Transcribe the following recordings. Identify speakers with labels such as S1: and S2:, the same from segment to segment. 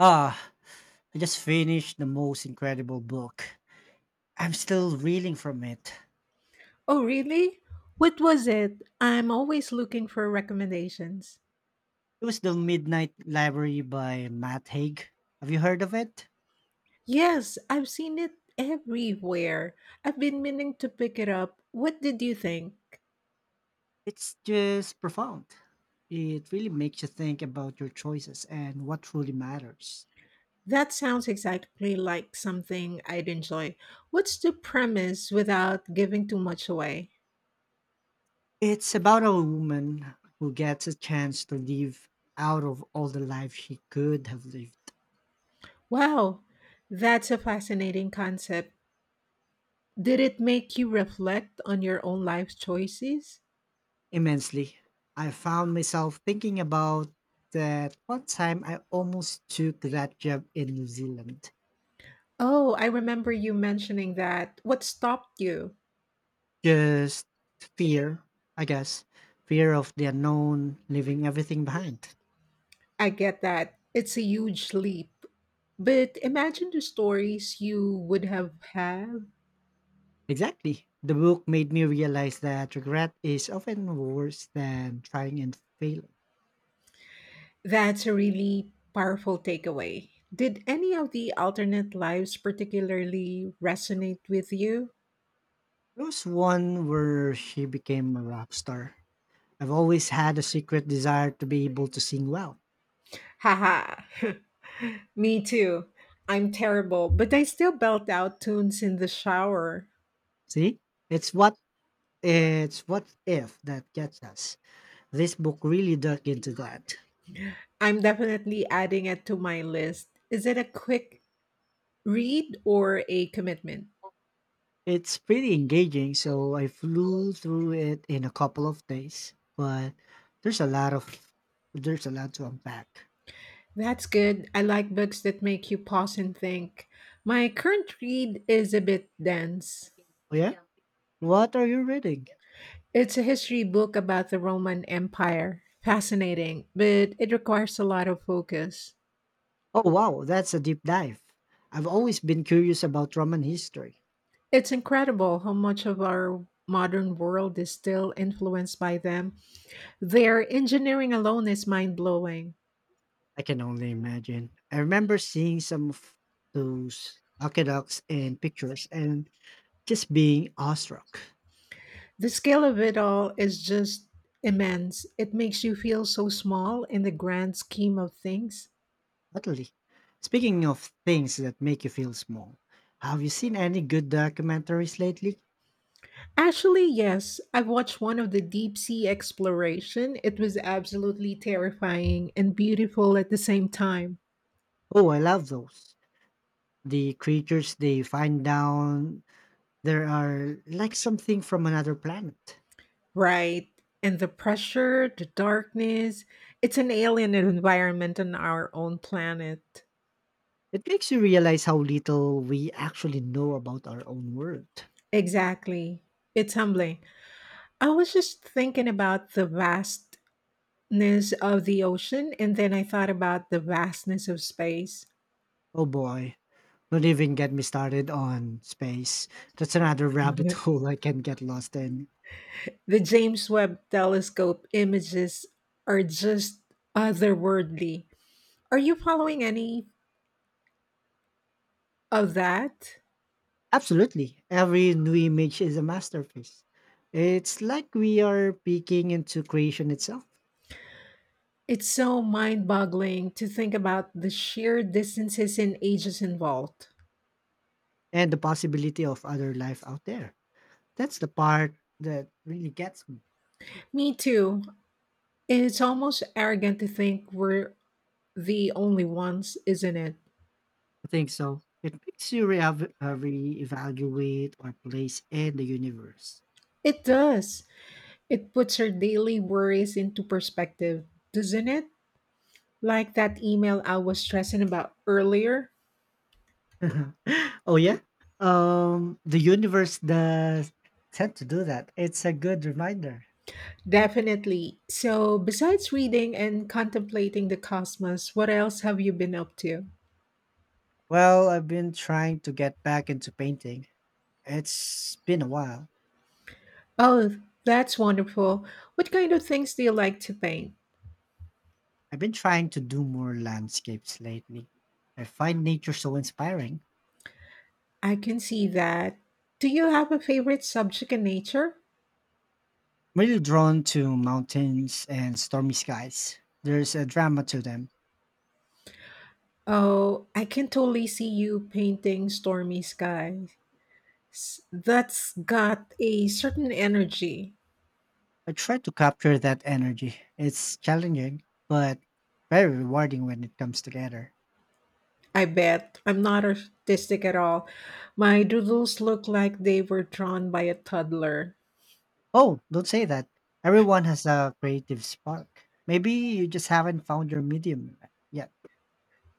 S1: Ah, I just finished the most incredible book. I'm still reeling from it.
S2: Oh, really? What was it? I'm always looking for recommendations.
S1: It was The Midnight Library by Matt Haig. Have you heard of it?
S2: Yes, I've seen it everywhere. I've been meaning to pick it up. What did you think?
S1: It's just profound. It really makes you think about your choices and what truly matters.
S2: That sounds exactly like something I'd enjoy. What's the premise without giving too much away?
S1: It's about a woman who gets a chance to live out of all the life she could have lived.
S2: Wow, that's a fascinating concept. Did it make you reflect on your own life choices?
S1: Immensely. I found myself thinking about that one time I almost took that job in New Zealand.
S2: Oh, I remember you mentioning that. What stopped you?
S1: Just fear, I guess. Fear of the unknown, leaving everything behind.
S2: I get that. It's a huge leap. But imagine the stories you would have had.
S1: Exactly. The book made me realize that regret is often worse than trying and failing.
S2: That's a really powerful takeaway. Did any of the alternate lives particularly resonate with you?
S1: There was one where she became a rock star. I've always had a secret desire to be able to sing well.
S2: Haha. Me too. I'm terrible, but I still belt out tunes in the shower.
S1: See, it's what it's what if that gets us. This book really dug into that.
S2: I'm definitely adding it to my list. Is it a quick read or a commitment?
S1: It's pretty engaging, so I flew through it in a couple of days. But there's a lot of there's a lot to unpack.
S2: That's good. I like books that make you pause and think. My current read is a bit dense.
S1: Oh yeah, yeah, what are you reading?
S2: It's a history book about the Roman Empire. Fascinating, but it requires a lot of focus.
S1: Oh wow, that's a deep dive. I've always been curious about Roman history.
S2: It's incredible how much of our modern world is still influenced by them. Their engineering alone is mind blowing.
S1: I can only imagine. I remember seeing some of those aqueducts and pictures and just being awestruck.
S2: The scale of it all is just immense. It makes you feel so small in the grand scheme of things.
S1: Utterly. Speaking of things that make you feel small, have you seen any good documentaries lately?
S2: Actually, yes. I've watched one of the deep sea exploration. It was absolutely terrifying and beautiful at the same time.
S1: Oh, I love those. The creatures they find down there are like something from another planet.
S2: Right. And the pressure, the darkness. It's an alien environment on our own planet.
S1: It makes you realize how little we actually know about our own world.
S2: Exactly. It's humbling. I was just thinking about the vastness of the ocean, and then I thought about the vastness of space.
S1: Oh boy, don't even get me started on space. That's another rabbit hole I can get lost in.
S2: The James Webb Telescope images are just otherworldly. Are you following any of that?
S1: Absolutely, every new image is a masterpiece. It's like we are peeking into creation itself
S2: It's so mind boggling to think about the sheer distances and ages involved.
S1: and the possibility of other life out there. That's the part that really gets me.
S2: Me too. It's almost arrogant to think we're the only ones, isn't it?
S1: I think so. It makes you reevaluate our place in the universe.
S2: It does. It puts our daily worries into perspective, doesn't it? Like that email I was stressing about earlier.
S1: Oh yeah. The universe does tend to do that. It's a good reminder.
S2: Definitely. So, besides reading and contemplating the cosmos, what else have you been up to?
S1: Well, I've been trying to get back into painting. It's been a while.
S2: Oh, that's wonderful. What kind of things do you like to paint?
S1: I've been trying to do more landscapes lately. I find nature so inspiring.
S2: I can see that. Do you have a favorite subject in nature?
S1: I'm really drawn to mountains and stormy skies. There's a drama to them.
S2: Oh, I can totally see you painting stormy skies. That's got a certain energy.
S1: I try to capture that energy. It's challenging, but very rewarding when it comes together.
S2: I bet. I'm not artistic at all. My doodles look like they were drawn by a toddler.
S1: Oh, don't say that. Everyone has a creative spark. Maybe you just haven't found your medium yet.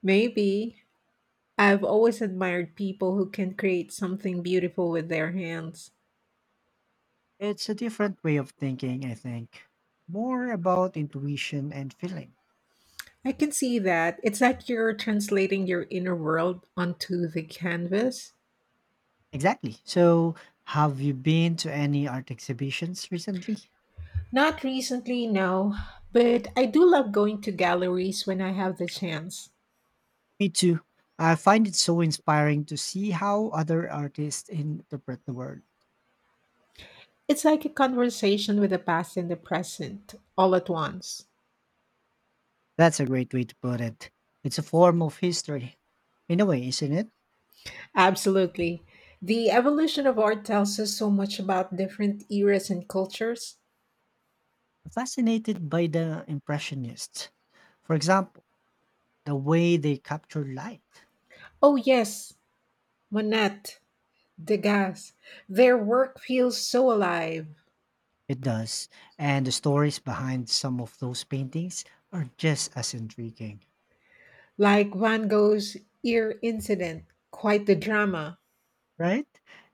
S2: Maybe. I've always admired people who can create something beautiful with their hands.
S1: It's a different way of thinking, I think. More about intuition and feeling.
S2: I can see that. It's like you're translating your inner world onto the canvas.
S1: Exactly. So, have you been to any art exhibitions recently?
S2: Not recently, no, but I do love going to galleries when I have the chance.
S1: Me too. I find it so inspiring to see how other artists interpret the world.
S2: It's like a conversation with the past and the present all at once.
S1: That's a great way to put it. It's a form of history, in a way, isn't it?
S2: Absolutely. The evolution of art tells us so much about different eras and cultures.
S1: Fascinated by the Impressionists. For example, the way they capture light.
S2: Oh, yes, Monette. Degas, their work feels so alive,
S1: It does. And the stories behind some of those paintings are just as intriguing,
S2: like Van Gogh's ear incident, quite the drama.
S1: right?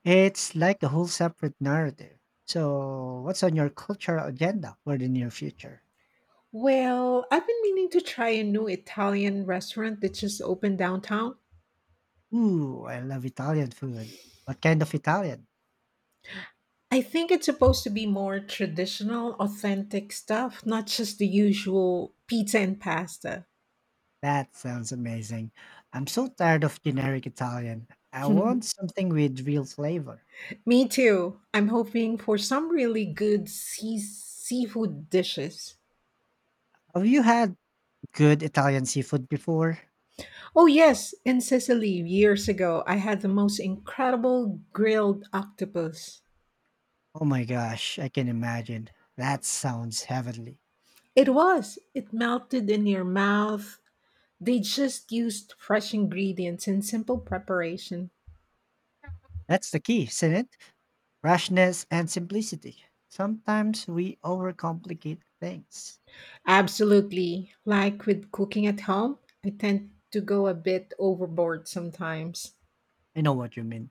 S1: It's like a whole separate narrative. So, what's on your cultural agenda for the near future?
S2: Well, I've been meaning to try a new Italian restaurant that just opened downtown.
S1: Ooh, I love Italian food. What kind of Italian?
S2: I think it's supposed to be more traditional, authentic stuff, not just the usual pizza and pasta.
S1: That sounds amazing. I'm so tired of generic Italian. I want something with real flavor.
S2: Me too. I'm hoping for some really good seafood dishes.
S1: Have you had good Italian seafood before?
S2: Oh, yes, in Sicily years ago, I had the most incredible grilled octopus.
S1: Oh my gosh, I can imagine. That sounds heavenly.
S2: It was. It melted in your mouth. They just used fresh ingredients and simple preparation.
S1: That's the key, isn't it? Freshness and simplicity. Sometimes we overcomplicate things.
S2: Absolutely. Like with cooking at home, I tend to go a bit overboard sometimes.
S1: I know what you mean.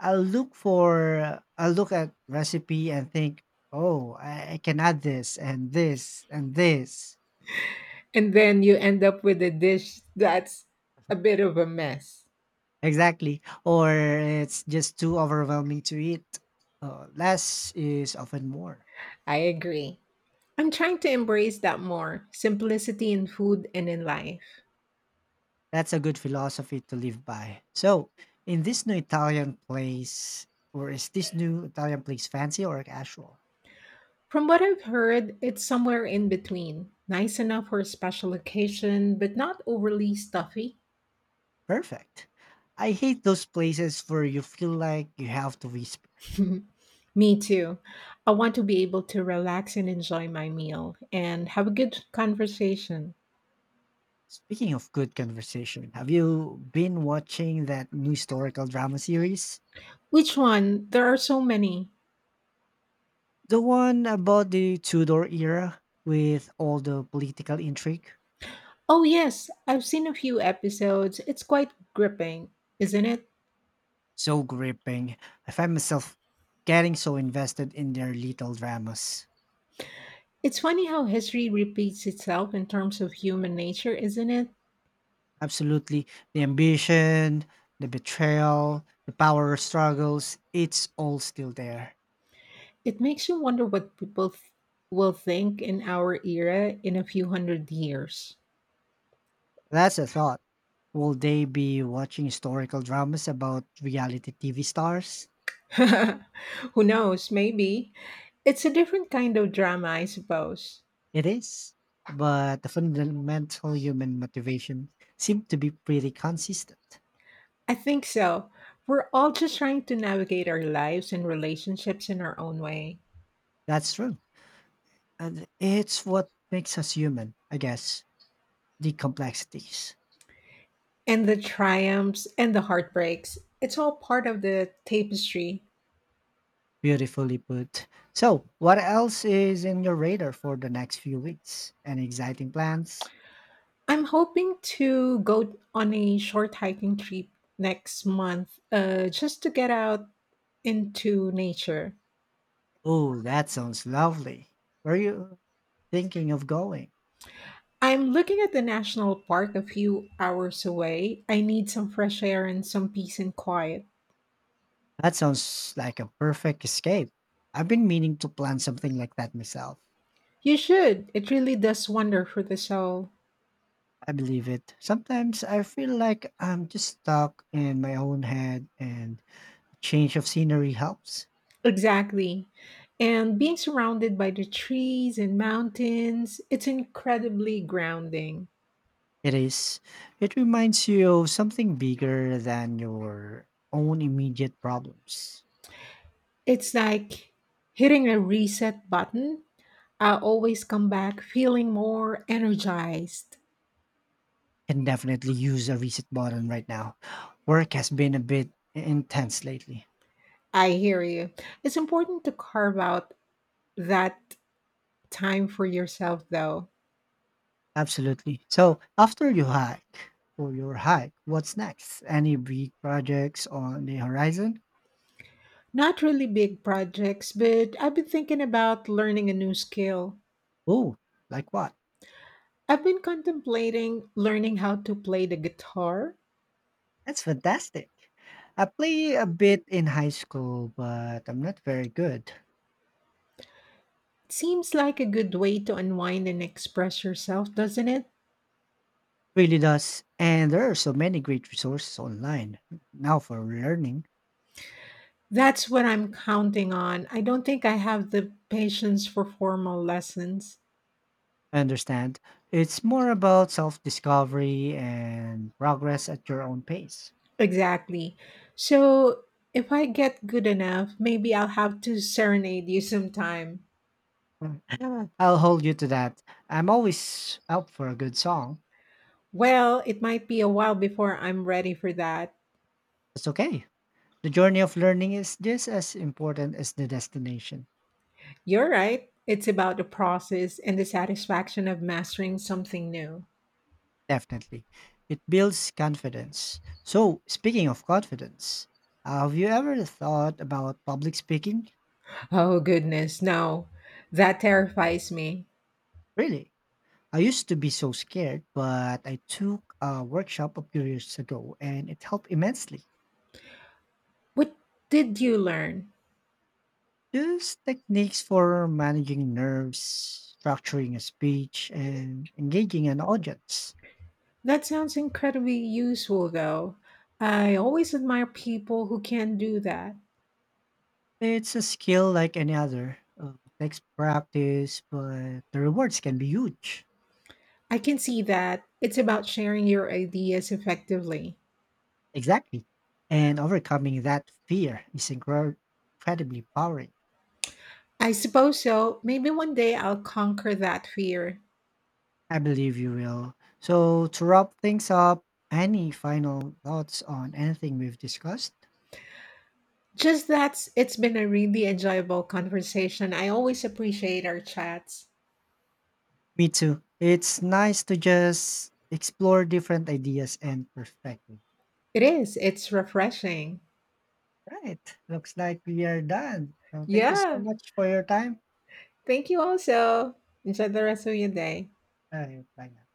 S1: I'll look at recipe and think, oh, I can add this and this and this.
S2: And then you end up with a dish that's a bit of a mess.
S1: Exactly. Or it's just too overwhelming to eat. Less is often more.
S2: I agree. I'm trying to embrace that more simplicity in food and in life.
S1: That's a good philosophy to live by. So, in this new Italian place, or is this new Italian place fancy or casual?
S2: From what I've heard, it's somewhere in between. Nice enough for a special occasion, but not overly stuffy.
S1: Perfect. I hate those places where you feel like you have to whisper.
S2: Me too. I want to be able to relax and enjoy my meal and have a good conversation.
S1: Speaking of good conversation, have you been watching that new historical drama series?
S2: Which one? There are so many.
S1: The one about the Tudor era with all the political intrigue?
S2: Oh, yes, I've seen a few episodes. It's quite gripping, isn't it?
S1: So gripping. I find myself getting so invested in their little dramas.
S2: It's funny how history repeats itself in terms of human nature, isn't it?
S1: Absolutely. The ambition, the betrayal, the power struggles, it's all still there.
S2: It makes you wonder what people will think in our era in a few hundred years.
S1: That's a thought. Will they be watching historical dramas about reality TV stars?
S2: Who knows, maybe. It's a different kind of drama, I suppose.
S1: It is. But the fundamental human motivation seems to be pretty consistent.
S2: I think so. We're all just trying to navigate our lives and relationships in our own way.
S1: That's true. And it's what makes us human, I guess. The complexities.
S2: And the triumphs and the heartbreaks, it's all part of the tapestry.
S1: Beautifully put. So, what else is in your radar for the next few weeks? Any exciting plans?
S2: I'm hoping to go on a short hiking trip next month, just to get out into nature.
S1: Oh, that sounds lovely. Where are you thinking of going?
S2: I'm looking at the national park a few hours away. I need some fresh air and some peace and quiet.
S1: That sounds like a perfect escape. I've been meaning to plan something like that myself.
S2: You should. It really does wonder for the soul.
S1: I believe it. Sometimes I feel like I'm just stuck in my own head and a change of scenery helps.
S2: Exactly. And being surrounded by the trees and mountains, it's incredibly grounding.
S1: It is. It reminds you of something bigger than your own immediate problems.
S2: It's like hitting a reset button. I always come back feeling more energized.
S1: Can definitely use a reset button right now. Work has been a bit intense lately.
S2: I hear you. It's important to carve out that time for yourself, though.
S1: Absolutely. So, after you hike or your hike, what's next? Any big projects on the horizon?
S2: Not really big projects, but I've been thinking about learning a new skill.
S1: Oh, like what?
S2: I've been contemplating learning how to play the guitar.
S1: That's fantastic. I play a bit in high school, but I'm not very good.
S2: It seems like a good way to unwind and express yourself, doesn't it?
S1: Really does. And there are so many great resources online now for learning.
S2: That's what I'm counting on. I don't think I have the patience for formal lessons.
S1: I understand. It's more about self discovery and progress at your own pace.
S2: Exactly. So, if I get good enough, maybe I'll have to serenade you sometime.
S1: Mm. I'll hold you to that. I'm always up for a good song.
S2: Well, it might be a while before I'm ready for that.
S1: It's okay. The journey of learning is just as important as the destination.
S2: You're right. It's about the process and the satisfaction of mastering something new.
S1: Definitely. It builds confidence. So, speaking of confidence, have you ever thought about public speaking?
S2: Oh, goodness, no. That terrifies me.
S1: Really? I used to be so scared, but I took a workshop a few years ago and it helped immensely.
S2: What did you learn?
S1: Use techniques for managing nerves, structuring a speech, and engaging an audience.
S2: That sounds incredibly useful, though. I always admire people who can do that.
S1: It's a skill like any other. Takes practice, but the rewards can be huge.
S2: I can see that. It's about sharing your ideas effectively.
S1: Exactly. And overcoming that fear is incredibly empowering.
S2: I suppose so. Maybe one day I'll conquer that fear.
S1: I believe you will. So, to wrap things up, any final thoughts on anything we've discussed?
S2: Just that's it's been a really enjoyable conversation. I always appreciate our chats.
S1: Me too. It's nice to just explore different ideas and perspectives.
S2: It is. It's refreshing.
S1: Right. Looks like we are done. So thank you so
S2: Yeah.
S1: much for your time.
S2: Thank you also. Enjoy the rest of your day.
S1: Alright, bye now.